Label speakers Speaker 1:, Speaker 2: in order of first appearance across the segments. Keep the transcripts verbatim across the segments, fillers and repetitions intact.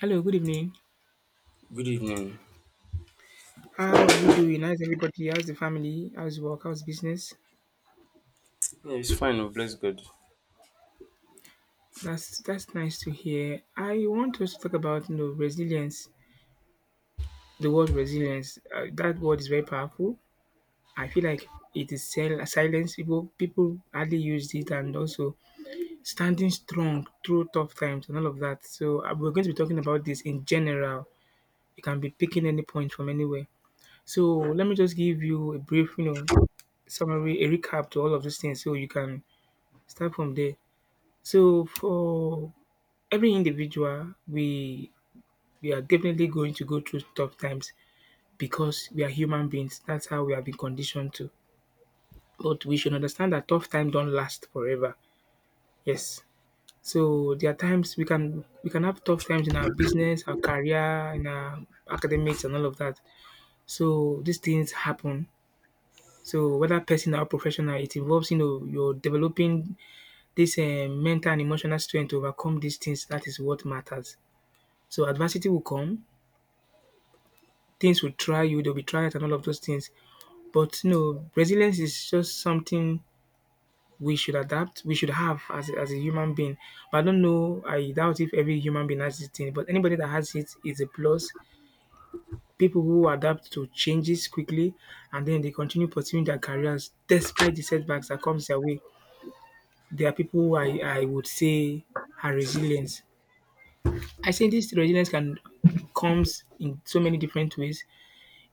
Speaker 1: Hello, good evening.
Speaker 2: Good evening.
Speaker 1: How are you doing? How's everybody? How's the family? How's work? How's business?
Speaker 2: Yeah, it's fine. Oh, bless God.
Speaker 1: That's that's nice to hear. I want us to talk about you know resilience. The word resilience. Uh, that word is very powerful. I feel like it is sil- silence. People people hardly use it, and also standing strong through tough times and all of that. So uh, we're going to be talking about this in general. You can be picking any point from anywhere. So let me just give you a brief, you know, summary, a recap to all of these things, so you can start from there. So for every individual, we we are definitely going to go through tough times because we are human beings. That's how we have been conditioned to. But we should understand that tough times don't last forever. Yes. So there are times we can we can have tough times in our business, our career, in our academics and all of that. So these things happen. So whether personal or professional, it involves you know you're developing this eh, mental and emotional strength to overcome these things. That is what matters. So adversity will come, things will try you, they'll be trials and all of those things. But no, resilience is just something we should adapt, we should have as a, as a human being. But I don't know, I doubt if every human being has this thing, but anybody that has it is a plus. People who adapt to changes quickly and then they continue pursuing their careers despite the setbacks that comes their way. There are people who I, I would say are resilient. I say this resilience can comes in so many different ways.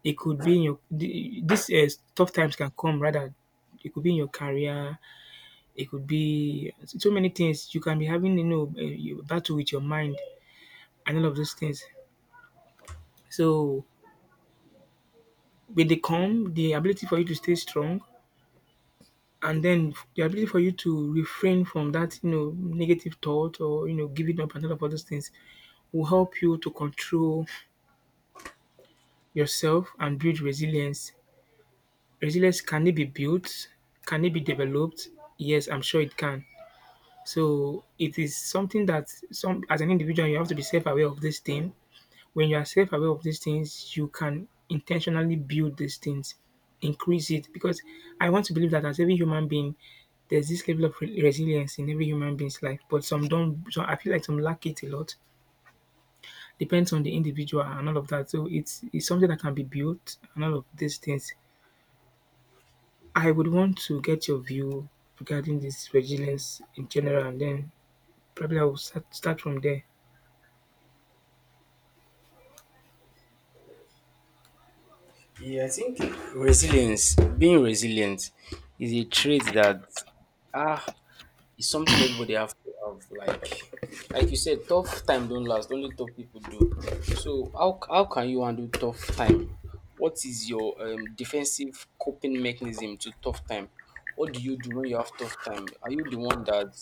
Speaker 1: It could be in your the this, eh, tough times can come rather. It could be in your career, it could be so many things. You can be having, you know, a you- battle with your mind and all of those things. So, with the calm, the ability for you to stay strong, and then the ability for you to refrain from that, you know, negative thought or, you know, giving up and all of those things will help you to control yourself and build resilience. Resilience can it be built? Can it be developed? Yes, I'm sure it can. So it is something that some as an individual you have to be self-aware of this thing. When you are self-aware of these things, you can intentionally build these things, increase it. Because I want to believe that as every human being, there's this level of re- resilience in every human being's life. But some don't. So I feel like some lack it a lot. Depends on the individual and all of that. So it's it's something that can be built and all of these things. I would want to get your view regarding this resilience in general, and then probably I will start, start from there.
Speaker 2: Yeah, I think resilience, being resilient, is a trait that ah is something everybody have to have. Like, like you said, tough time don't last. Only tough people do. So how how can you handle tough time? What is your um, defensive coping mechanism to tough time? What do you do when you have tough time? Are you the one that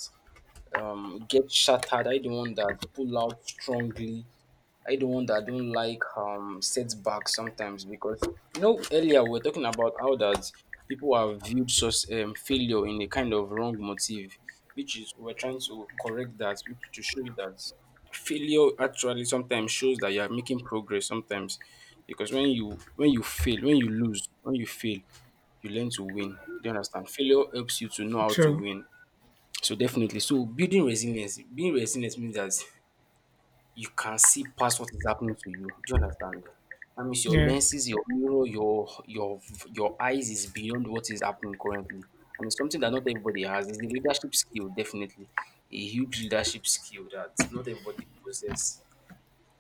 Speaker 2: um, gets shattered? Are you the one that pull out strongly? I the one that don't like um setbacks sometimes because you know earlier we were talking about how that people have viewed such um, failure in a kind of wrong motive, which is we're trying to correct that which to show you that failure actually sometimes shows that you are making progress sometimes because when you when you fail when you lose when you fail you learn to win. Do you understand? Failure helps you to know how to
Speaker 1: True.
Speaker 2: win. So definitely, so building resilience, being resilient means that you can see past what is happening to you. Do you understand? That means your
Speaker 1: Yeah.
Speaker 2: lenses, your mirror, your your your eyes is beyond what is happening currently. And it's something that not everybody has. It's the leadership skill, definitely. A huge leadership skill that not everybody possesses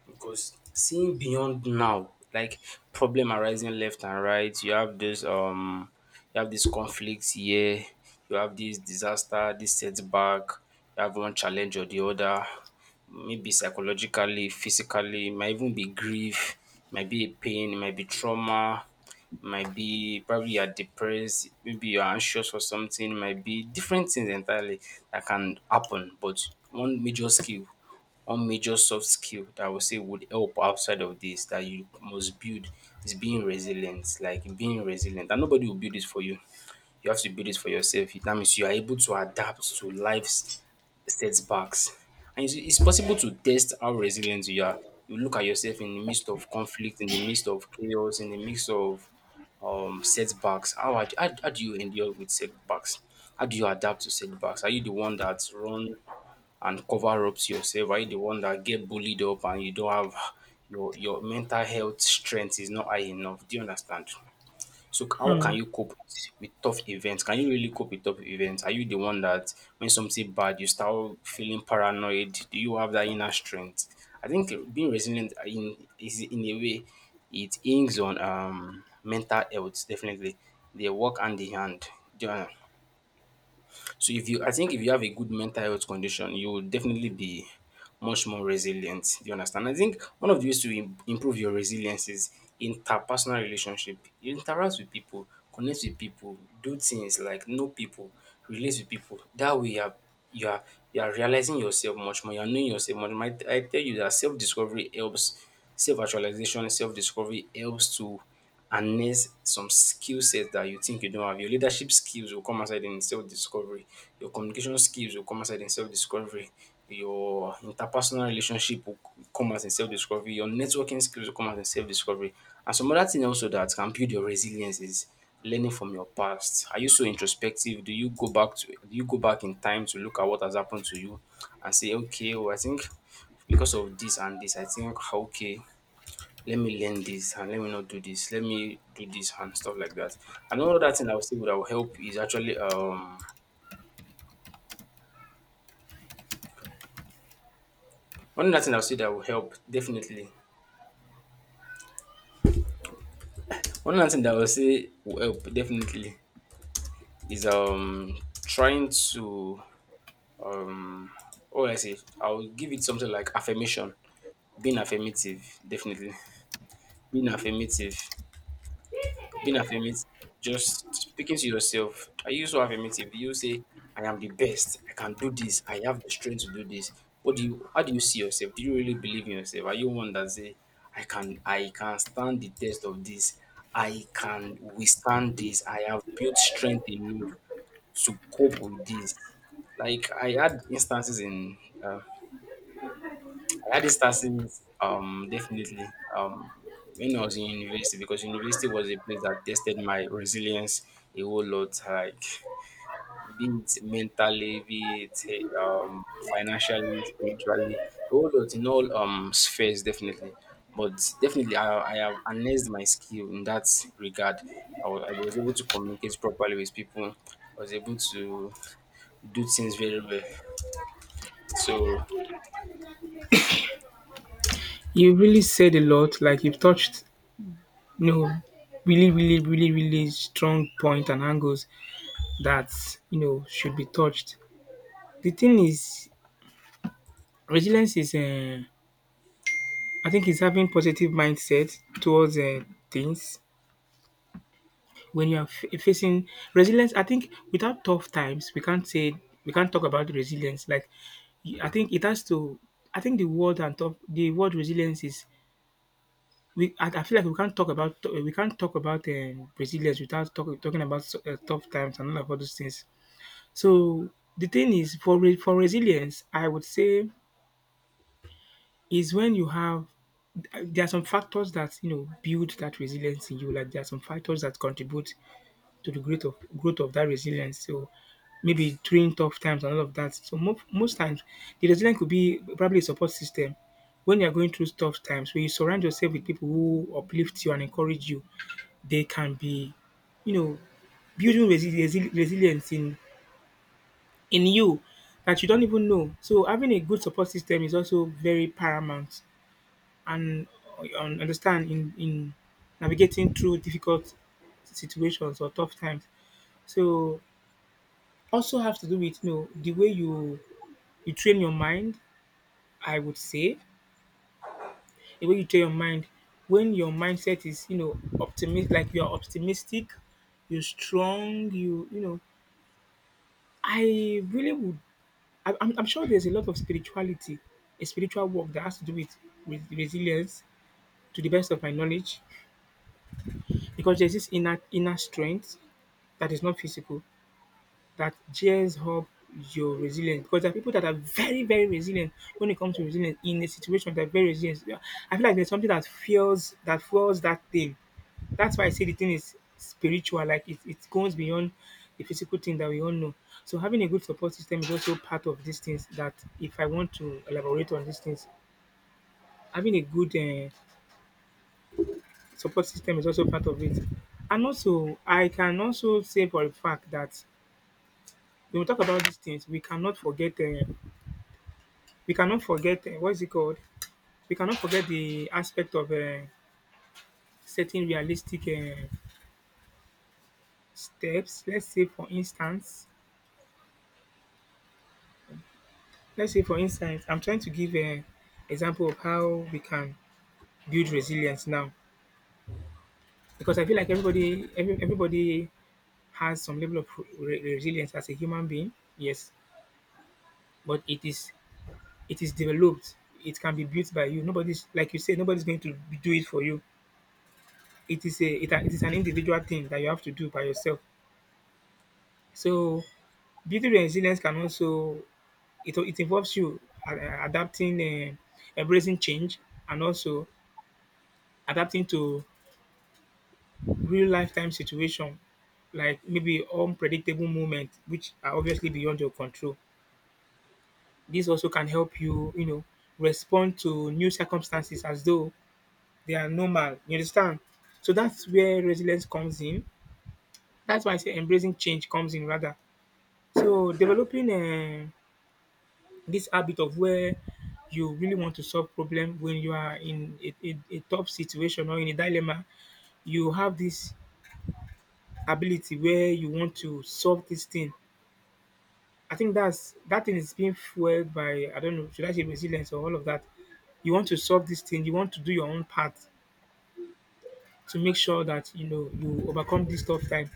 Speaker 2: because seeing beyond now, like problem arising left and right, you have this um you have this conflict here, you have this disaster, this setback, you have one challenge or the other, maybe psychologically, physically, it might even be grief, it might be a pain, it might be trauma, it might be probably you're depressed, maybe you're anxious for something, it might be different things entirely that can happen. But one major skill, one major soft skill that I would say would help outside of this that you must build is being resilient, like being resilient. And nobody will build it for you. You have to build it for yourself. That means you are able to adapt to life's setbacks. And it's, it's possible to test how resilient you are. You look at yourself in the midst of conflict, in the midst of chaos, in the midst of um, setbacks. How, ad- how, how do you endure with setbacks? How do you adapt to setbacks? Are you the one that run and cover ups yourself? Are you the one that get bullied up and you don't have your your mental health strength is not high enough? Do you understand? So c- how
Speaker 1: Uh,
Speaker 2: can you cope with tough events? Can you really cope with tough events? Are you the one that when something bad you start feeling paranoid? Do you have that inner strength? I think being resilient in is in a way it inks on um mental health, definitely. They work hand in hand. Do you understand? So if you I think if you have a good mental health condition, you will definitely be much more resilient. Do you understand? I think one of the ways to im- improve your resilience is interpersonal relationship. You interact with people, connect with people, do things like know people, relate with people. That way you are you are you are realizing yourself much more, you are knowing yourself much more. I, I tell you that self-discovery helps, self-actualization, self-discovery helps to and next some skill sets that you think you don't have. Your leadership skills will come outside in self-discovery. Your communication skills will come outside in self-discovery. Your interpersonal relationship will come out in self-discovery. Your networking skills will come out in self-discovery. And some other thing also that can build your resilience is learning from your past. Are you so introspective? Do you go back to do you go back in time to look at what has happened to you and say, okay, well, I think because of this and this, I think okay, let me learn this and let me not do this, let me do this and stuff like that. And one other thing I would say that will help is actually um one other thing I would say that will help definitely. One other thing that I would say will help definitely is um trying to um oh I say I'll give it something like affirmation. Being affirmative, definitely. Being affirmative. Being affirmative, just speaking to yourself. Are you so affirmative? Do you say, I am the best, I can do this, I have the strength to do this? What do you how do you see yourself? Do you really believe in yourself? Are you one that say, I can I can stand the test of this, I can withstand this, I have built strength enough to cope with this? Like I had instances in uh, I had instances, um, definitely, um, when I was in university, because university was a place that tested my resilience a whole lot, like be it mentally, be it eh, um, financially, spiritually, a whole lot in all um spheres, definitely. But definitely, I, I have enhanced my skill in that regard. I wa- I was able to communicate properly with people. I was able to do things very well. So
Speaker 1: you really said a lot. Like you've touched, you know, really, really, really, really strong point and angles that you know should be touched. The thing is, resilience is, uh, I think, is having positive mindset towards uh, things. When you are f- facing resilience, I think without tough times we can't say we can't talk about resilience. like y- I think it has to, I think the word and tough the word resilience is, we i, I feel like we can't talk about we can't talk about um, resilience without talk, talking about so, uh, tough times and all of all those things. So the thing is for re- for resilience I would say is when you have, there are some factors that you know build that resilience in you, like there are some factors that contribute to the growth of growth of that resilience. So maybe during tough times and all of that. So mo- most times the resilience could be probably a support system. When you're going through tough times, when you surround yourself with people who uplift you and encourage you, they can be, you know, building resi- resi- resilience in in you that you don't even know. So having a good support system is also very paramount and un- understand in in navigating through difficult situations or tough times. So also have to do with, you know, the way you you train your mind, I would say. The way you train your mind, when your mindset is, you know, optimistic, like you're optimistic, you're strong, you you know, I really would I, I'm, I'm sure there's a lot of spirituality, a spiritual work that has to do with, with resilience, to the best of my knowledge, because there's this inner inner strength that is not physical that gears up your resilience, because there are people that are very, very resilient. When it comes to resilience in a situation, they're very resilient. Yeah, I feel like there's something that fuels that fuels that thing. That's why I say the thing is spiritual, like it, it goes beyond the physical thing that we all know. So having a good support system is also part of these things that if I want to elaborate on these things, having a good uh, support system is also part of it. And also, I can also say for a fact that when we talk about these things, we cannot forget uh, we cannot forget, uh, what is it called? We cannot forget the aspect of uh, setting realistic uh, steps. Let's say, for instance, let's say for instance, I'm trying to give an example of how we can build resilience now, because I feel like everybody, every, everybody has some level of re- resilience as a human being. Yes, but it is it is developed. It can be built by you. Nobody's, like you say, nobody's going to do it for you. It is a it, it is an individual thing that you have to do by yourself. So building resilience can also, it it involves you a- adapting, eh, embracing change, and also adapting to real lifetime situation, like maybe unpredictable moments which are obviously beyond your control. This also can help you, you know, respond to new circumstances as though they are normal. You understand? So that's where resilience comes in. That's why I say embracing change comes in rather. So developing. Eh this habit of where you really want to solve problem when you are in a, a, a tough situation or in a dilemma, you have this ability where you want to solve this thing. I think that's that thing is being fueled by, I don't know, should I say resilience or all of that. You want to solve this thing. You want to do your own part to make sure that you know you overcome this tough time.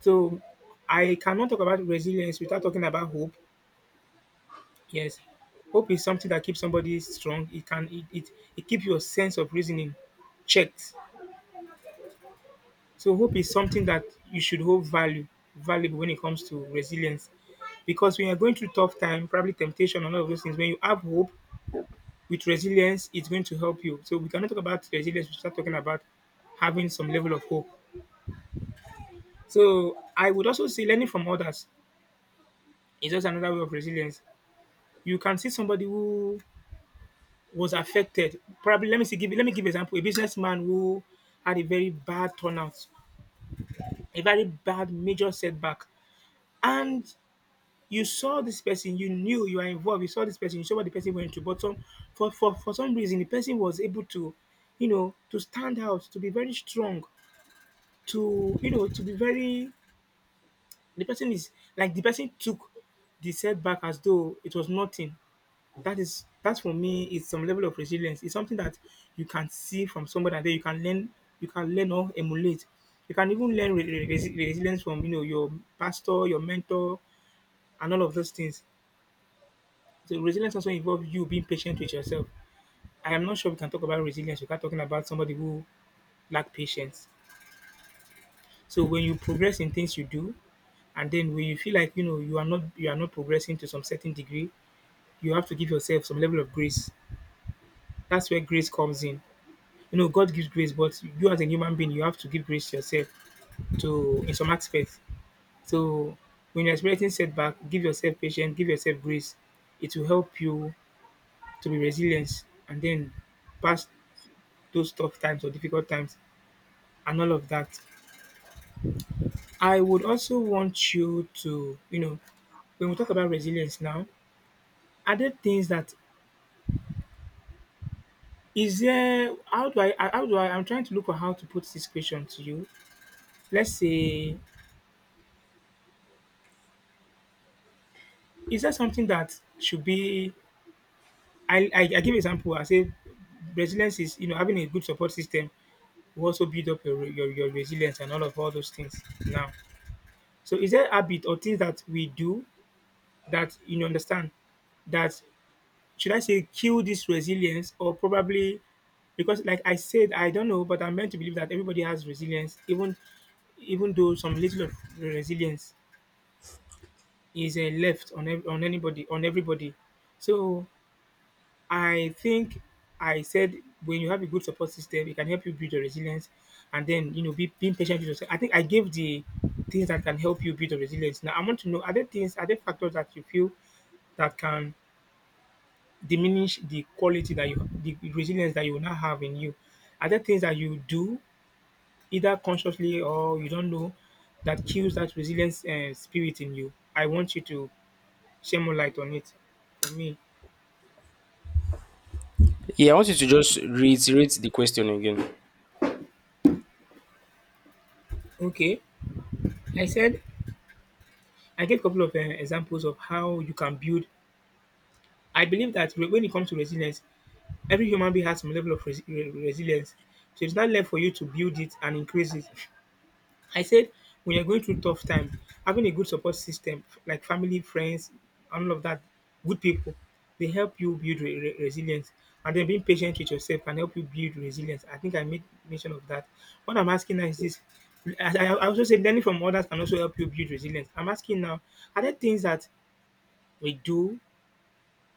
Speaker 1: So I cannot talk about resilience without talking about hope. Yes. Hope is something that keeps somebody strong. It can it it, it keep your sense of reasoning checked. So hope is something that you should hold value valuable when it comes to resilience. Because when you're going through tough time, probably temptation and all of those things, when you have hope with resilience, it's going to help you. So we cannot talk about resilience, we start talking about having some level of hope. So I would also say learning from others is just another way of resilience. You can see somebody who was affected. Probably let me see give let me give you example. A businessman who had a very bad turnout, a very bad major setback. And you saw this person, you knew you were involved, you saw this person, you saw what the person went to. But some for, for, for some reason the person was able to, you know, to stand out, to be very strong, to you know, to be very, the person is, like the person took the setback as though it was nothing. That is, that for me is some level of resilience. It's something that you can see from somebody and then you can learn you can learn or emulate. You can even learn re- re- resi- resilience from you know your pastor, your mentor, and all of those things. So resilience also involves you being patient with yourself. I am not sure we can talk about resilience without talking about somebody who lack patience. So when you progress in things you do, and then when you feel like you know you are not you are not progressing to some certain degree, you have to give yourself some level of grace. That's where grace comes in. You know, God gives grace, but you as a human being, you have to give grace to yourself to in some aspects. So when you're experiencing setback, give yourself patience, give yourself grace. It will help you to be resilient and then pass those tough times or difficult times and all of that. I would also want you to, you know, when we talk about resilience now, are there things that is there how do I how do I I'm trying to look for how to put this question to you. Let's say is there something that should be I, I I give example. I say resilience is you know having a good support system will also build up your, your your resilience and all of all those things. Now, so is there a habit or things that we do that you know, understand that should I say kill this resilience, or probably because like I said I don't know, but I'm meant to believe that everybody has resilience, even even though some little of resilience is uh, left on ev- on anybody on everybody. So I think I said when you have a good support system, it can help you build your resilience, and then you know be, being patient with yourself. I think I gave the things that can help you build your resilience. Now I want to know: are there things, are there factors that you feel that can diminish the quality that you, the resilience that you now have in you? Are there things that you do, either consciously or you don't know, that kills that resilience and spirit in you? I want you to share more light on it for me.
Speaker 2: yeah, I want you to just reiterate the question again.
Speaker 1: Okay, I said I gave a couple of uh, examples of how you can build. I believe that re- when it comes to resilience, every human being has some level of resi- re- resilience. So it's not left for you to build it and increase it. I said when you're going through tough time, having a good support system like family, friends, and all of that, good people, they help you build re- re- resilience. And then being patient with yourself can help you build resilience. I think I made mention of that. What I'm asking now is this: I, I I also said learning from others can also help you build resilience. I'm asking now, are there things that we do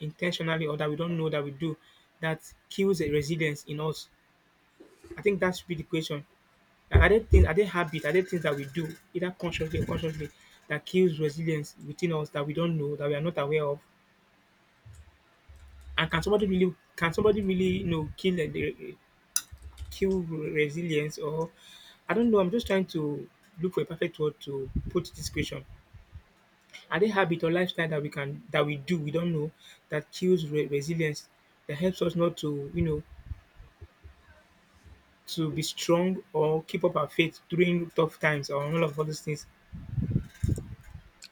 Speaker 1: intentionally or that we don't know that we do that kills the resilience in us? I think that should be the question. Like, are there things, are there habits, are there things that we do, either consciously or consciously, that kills resilience within us that we don't know, that we are not aware of? And can somebody really, can somebody really, you know, kill the- the- kill resilience? Or I don't know. I'm just trying to look for a perfect word to put this question. Are there habit or lifestyle that we can that we do we don't know that kills re- resilience, that helps us not to you know to be strong or keep up our faith during tough times or all of all these things.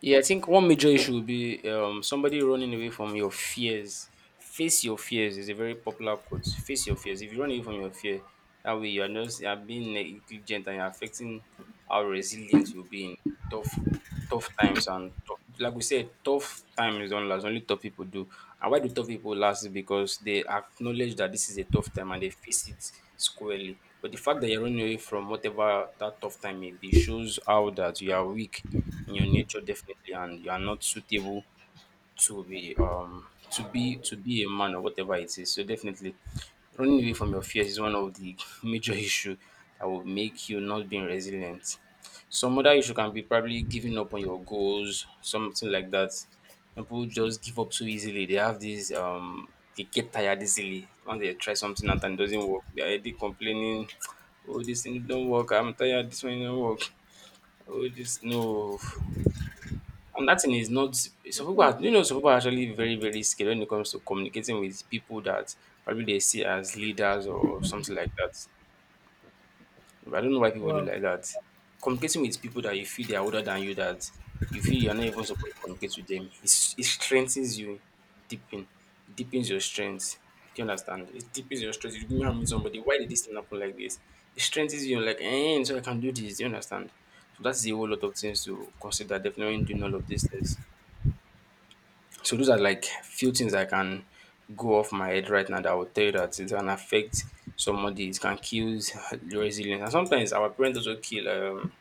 Speaker 2: Yeah, I think one major issue would be um, somebody running away from your fears. Face your fears is a very popular quote. Face your fears. If you run away from your fear, that way you are not you are being negligent and you're affecting how resilience you'll be in tough tough times and tough, like we said, tough times don't last. Only tough people do. And why do tough people last? Is because they acknowledge that this is a tough time and they face it squarely. But the fact that you're running away from whatever that tough time may be shows how that you are weak in your nature, definitely, and you are not suitable to be um to be to be a man or whatever it is. So definitely running away from your fears is one of the major issue that will make you not being resilient. Some other issue can be probably giving up on your goals, something like that. Some people just give up so easily. They have this um they get tired easily. When they try something out and it doesn't work, they're already complaining, oh this thing don't work, I'm tired, this one don't work, oh this no. And that thing is not some people are, you know, some people are actually very, very scared when it comes to communicating with people that probably they see as leaders or something like that. I don't know why people do
Speaker 1: Wow.
Speaker 2: like that. Communicating with people that you feel they are older than you, that you feel you're not even supposed to communicate with them. It's, it strengthens you, deepen, deepens your strength. Do you understand? It deepens your strength. You remember meet somebody, why did this thing happen like this? It strengthens you, like, eh, so I can do this. Do you understand? So that's a whole lot of things to consider, definitely, doing all of these things. So those are like few things I can go off my head right now that I would tell you that it can affect somebody, it can kill your resilience. And sometimes our parents also kill um,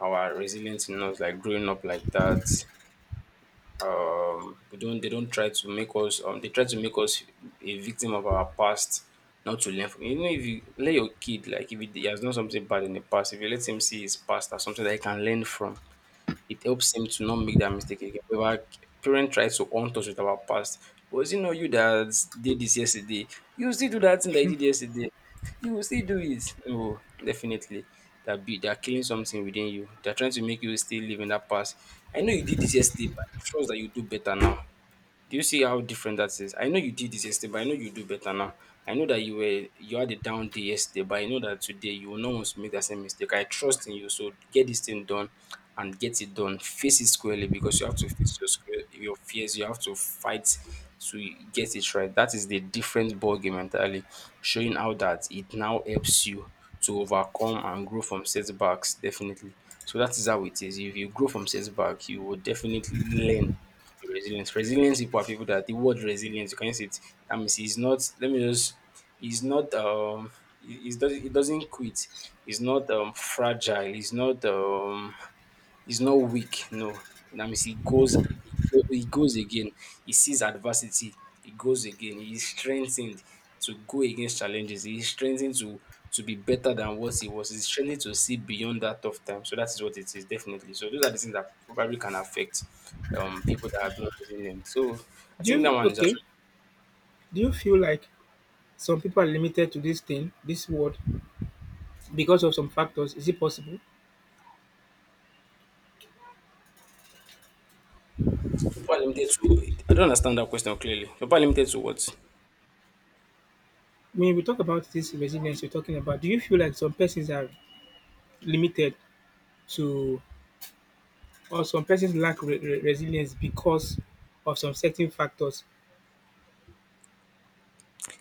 Speaker 2: our resilience in us, like growing up like that. Um, we don't They don't try to make us um they try to make us a victim of our past, not to learn from. You know, if you let your kid, like if he has done something bad in the past, if you let him see his past as something that he can learn from, it helps him to not make that mistake again. We were parent tries to haunt us with our past. Was it not you that did this yesterday? You still do that thing that you did yesterday. You will still do it. No, definitely. That be they're killing something within you. They're trying to make you still live in that past. I know you did this yesterday, but I trust that you do better now. Do you see how different that is? I know you did this yesterday, but I know you do better now. I know that you were you had a down day yesterday, but I know that today you will not want to make that same mistake. I trust in you, so get this thing done and get it done. Face it squarely, because you have to face your square, your fears. You have to fight to get it right. That is the different ball game entirely, showing how that it now helps you to overcome and grow from setbacks. Definitely, so that is how it is. If you grow from setback, you will definitely learn resilience. Resilience people are people that the word resilience, you can use it. That means he's not let me just he's not um he, he's does he doesn't quit. He's not um fragile. He's not um He's not weak, no. That means he goes he goes again. He sees adversity, he goes again. He is strengthened to go against challenges. He is strengthened to to be better than what he was. He's strengthened to see beyond that tough time. So that is what it is, definitely. So those are the things that probably can affect um people that are not resilient. So I
Speaker 1: Do
Speaker 2: think that
Speaker 1: you
Speaker 2: one is
Speaker 1: okay?
Speaker 2: actually
Speaker 1: Do you feel like some people are limited to this thing, this word, because of some factors? Is it possible?
Speaker 2: super limited to— I don't understand that question clearly. Super limited to what?
Speaker 1: When we talk about this resilience you're talking about, do you feel like some persons are limited to, or some persons lack re- re- resilience because of some certain factors?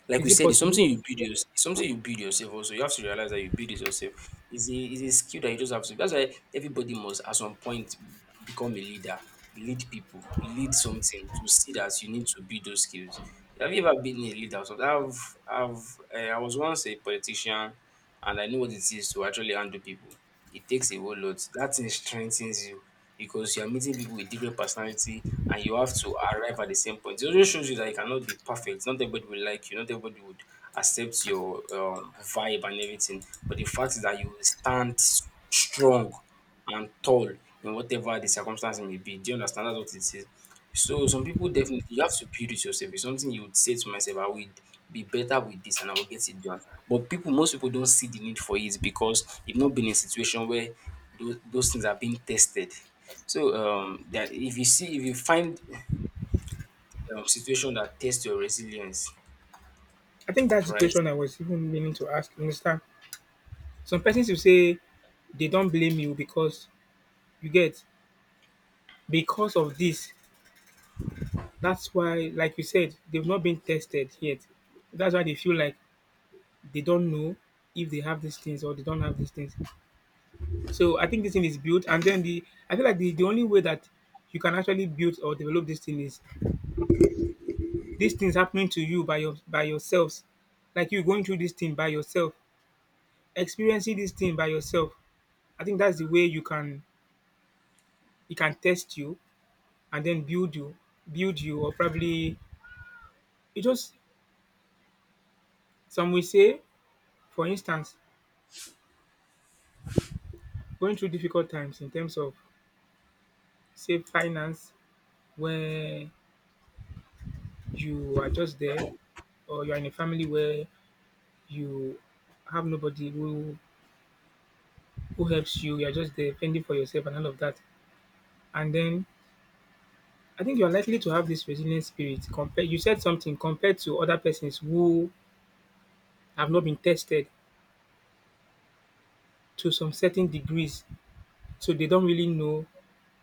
Speaker 2: Like
Speaker 1: Is
Speaker 2: we
Speaker 1: it
Speaker 2: said, it's
Speaker 1: possible?
Speaker 2: something you build yours it's something you build yourself also. You have to realize that you build it yourself. It's a it's a skill that you just have to that's why everybody must at some point become a leader, lead people, lead something to see that you need to build those skills. Have you ever been a leader? So I've I've eh, I was once a politician and I know what it is to actually handle people. It takes a whole lot. That thing strengthens you because you are meeting people with different personality and you have to arrive at the same point. It also shows you that you cannot be perfect. Not everybody will like you. Not everybody would accept your um, vibe and everything. But the fact is that you will stand s- strong and tall in whatever the circumstance may be. Do you understand? That's what it is. So some people definitely you have to build it yourself. It's something you would say to myself, I will be better with this and I will get it done. But people, most people don't see the need for it because you have not been in a situation where those those things are being tested. So um, that if you see if you find um, situation that test your resilience,
Speaker 1: I think that's the
Speaker 2: right?
Speaker 1: question I was even meaning to ask. You understand? Some persons will say they don't blame you because you get because of this, that's why, like you said, they've not been tested yet. That's why they feel like they don't know if they have these things or they don't have these things. So I think this thing is built, and then the I feel like the, the only way that you can actually build or develop this thing is these things happening to you by your by yourselves, like you going through this thing by yourself, experiencing this thing by yourself. I think that's the way you can it can test you and then build you, build you, or probably it just some will say, for instance, going through difficult times in terms of say finance where you are just there or you're in a family where you have nobody who who helps you, you're just there fending for yourself and all of that. And then I think you're likely to have this resilient spirit compared you said something compared to other persons who have not been tested to some certain degrees. So they don't really know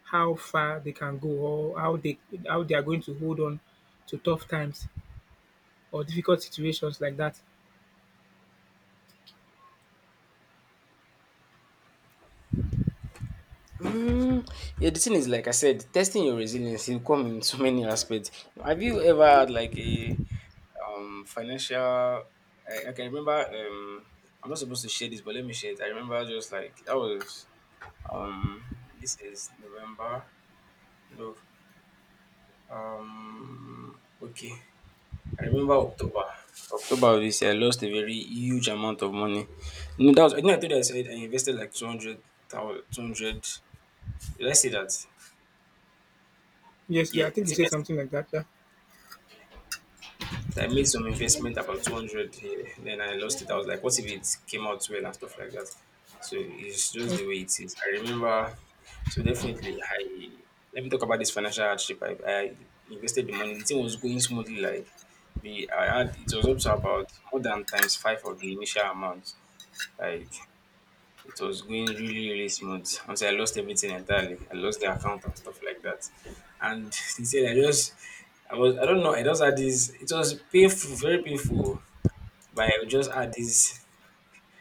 Speaker 1: how far they can go or how they how they are going to hold on to tough times or difficult situations like that.
Speaker 2: Mm, yeah, the thing is, like I said, testing your resilience will come in so many aspects. Have you ever had like a um financial? I, I can remember. Um, I'm not supposed to share this, but let me share it. I remember just like that was um. This is November. No. Um. Okay. I remember October. October of this year, I lost a very huge amount of money. You know, that was, I think I told you I said I invested like two hundred thousand, two hundred. Did I say that?
Speaker 1: Yes, yeah,
Speaker 2: Yeah.
Speaker 1: I
Speaker 2: I
Speaker 1: think you
Speaker 2: think I,
Speaker 1: said
Speaker 2: s-
Speaker 1: something like that. Yeah.
Speaker 2: I made some investment about two hundred here. Then I lost it. I was like, what if it came out well and stuff like that? So it's just the way it is. I remember. So definitely, I let me talk about this financial hardship. I, I invested the money. The thing was going smoothly. Like, the I had it was up to about more than times five of the initial amount. Like it was going really, really smooth until I lost everything entirely. I lost the account and stuff like that. And sincerely, I just I was I don't know, I just had this it was painful, very painful. But I just had this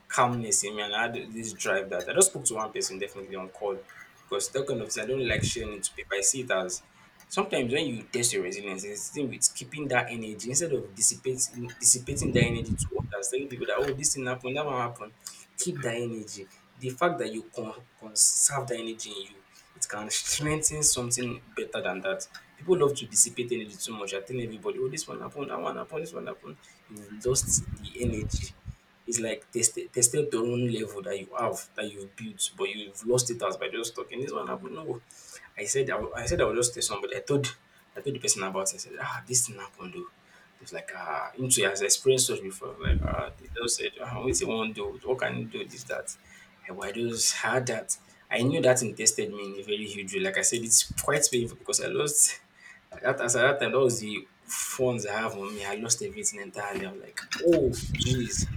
Speaker 2: calmness in me and I had this drive that I just spoke to one person definitely on call because that kind of thing I don't like sharing it to people. I see it as sometimes when you test your resilience, it's the thing with keeping that energy instead of dissipating dissipating that energy to others, telling people that, oh, this thing happened, that one happened. Keep that energy. The fact that you con- conserve that energy in you, it can strengthen something better than that. People love to dissipate energy too much. I telling everybody, oh, this one happened, that one happened, this one happened. You've lost the energy, it's like tested tested your own level that you have that you've built, but you've lost it as by just talking. This one happened. No, I said I, will- I said I would just tell somebody. I told I told the person about it. I said, ah, this thing happened though. It's like ah, into has experienced such before. Like ah, they just said, ah, what's you want do? What can you do? This that. I, "Well, I just had that. I knew that it tested me in a very huge way. Like I said, it's quite painful because I lost. That as at that time, that was the phones I have on me. I lost everything entirely. I'm like, oh, jeez.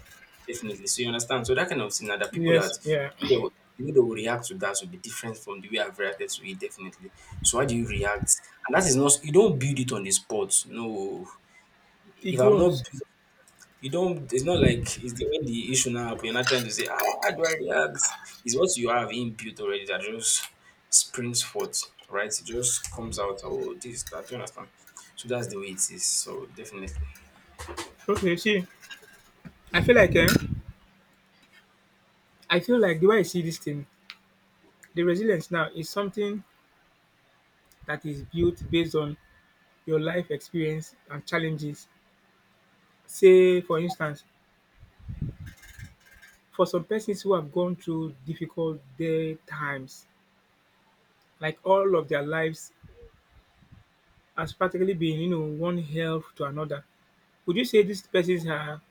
Speaker 2: Definitely. So you understand? So that kind of thing, now, the people
Speaker 1: Yes,
Speaker 2: that
Speaker 1: yeah.
Speaker 2: they will, the way they will react to that will be different from the way I've reacted to it, definitely. So how do you react? And that is not, you don't build it on the spot. No.
Speaker 1: It
Speaker 2: If I've not
Speaker 1: grows.
Speaker 2: built, you don't. It's not like it's the when the issue now happen. You're not trying to say, ah, how do I react? It's what you have inbuilt already that just springs forth, right? It just comes out. Oh, this, that. Do you understand? So that's the way it is. So definitely.
Speaker 1: Okay, see, I feel like eh, I feel like the way I see this thing, the resilience now is something that is built based on your life experience and challenges. Say, for instance, for some persons who have gone through difficult day times, like all of their lives has practically been, you know, one health to another. Would you say these persons are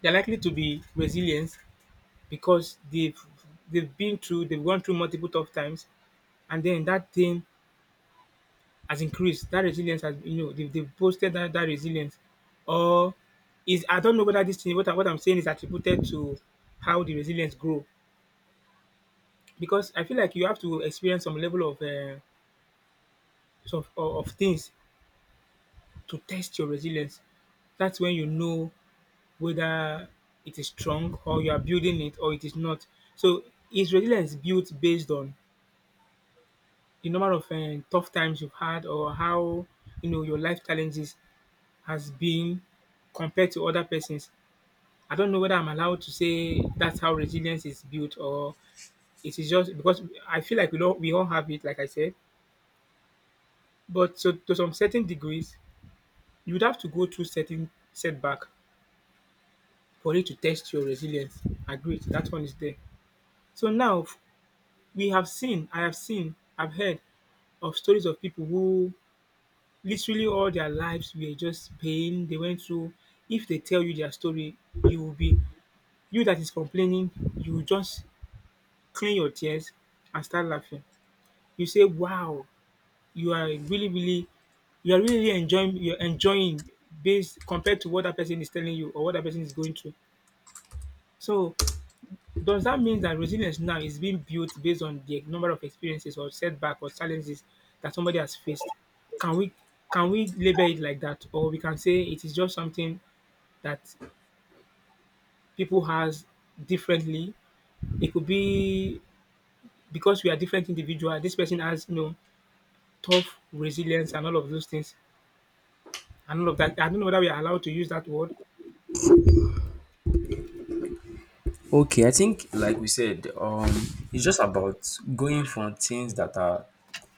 Speaker 1: they're likely to be resilient? Because they've they've been through they've gone through multiple tough times, and then that thing has increased that resilience, has you know they've, they've boosted that, that resilience, or is I don't know whether this thing what, I, what I'm saying is attributed to how the resilience grow, because I feel like you have to experience some level of uh, some, of, of things to test your resilience. That's when you know whether it is strong, or you are building it, or it is not. So is resilience built based on the number of um, tough times you've had, or how you know your life challenges has been compared to other persons. I don't know whether I'm allowed to say that's how resilience is built, or it is just because I feel like we all we all have it, like I said. But so to some certain degrees, you would have to go through certain setback for it to test your resilience. Agreed, that one is there. So now f- we have seen, I have seen, I've heard of stories of people who literally all their lives were just pain they went through. If they tell you their story, you will be you that is complaining, you will just clean your tears and start laughing. You say, "Wow, you are really, really, you are really enjoying, you're enjoying based compared to what that person is telling you or what that person is going through." So does that mean that resilience now is being built based on the number of experiences or setback or challenges that somebody has faced? Can we can we label it like that, or we can say it is just something that people has differently? It could be because we are different individual. This person has you know tough resilience and all of those things and all of that. I don't know whether we are allowed to use that word.
Speaker 2: Okay, I think like we said, um, it's just about going for things that are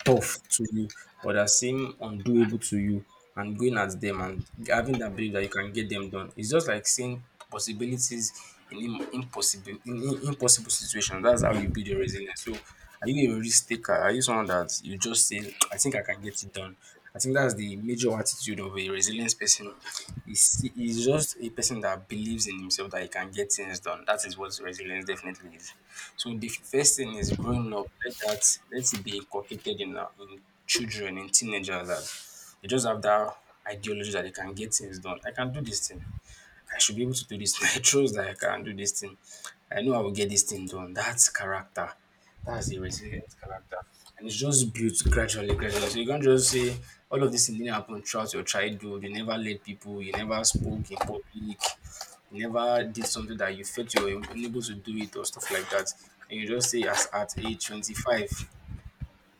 Speaker 2: tough to you or that seem undoable to you and going at them and having that belief that you can get them done. It's just like seeing possibilities in im- impossible in, in impossible situations. That's how you build your resilience. So are you a risk taker? Are you someone that you just say, I think I can get it done? I think that's the major attitude of a resilient person. Is is just a person that believes in himself that he can get things done. That is what resilience definitely is. So the first thing is growing up, let that let it be inculcated in, our- in children, in teenagers that they just have that ideology that they can get things done. I can do this thing. I should be able to do this. I trust that I can do this thing. I know I will get this thing done. That's character. That's the resilient character. And it's just built gradually, gradually. So you can't just say all of this thing didn't happen throughout your childhood. You never led people, you never spoke in public, you never did something that you felt you were unable to do it or stuff like that. And you just say as at age twenty-five.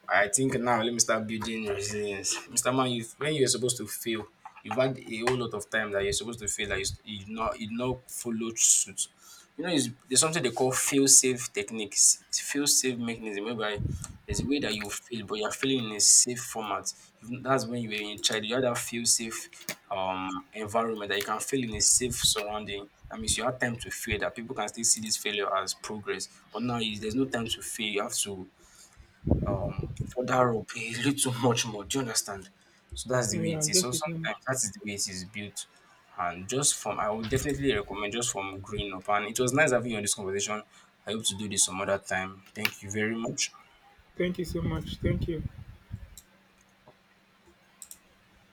Speaker 2: I think now let me start building resilience. mister Man, you when you're supposed to fail, you've had a whole lot of time that you're supposed to fail that you, you not you not follow suit. You know, it's, there's something they call fail safe techniques, fail safe mechanism, whereby there's a way that you fail, but you're failing in a safe format. You- That's when you were in child, you had that fail safe um environment that you can fail in a safe surrounding. That means you have time to fail, that people can still see this failure as progress. But now is there's no time to fail. You have to um further up a little much more. Do you understand? So that's the way
Speaker 1: Yeah, I
Speaker 2: it is. So
Speaker 1: guess it.
Speaker 2: sometimes that is the way it is built. And just from I would definitely recommend just from growing up. And it was nice having you on this conversation. I hope to do this some other time. Thank you very much.
Speaker 1: Thank you so much. Thank you.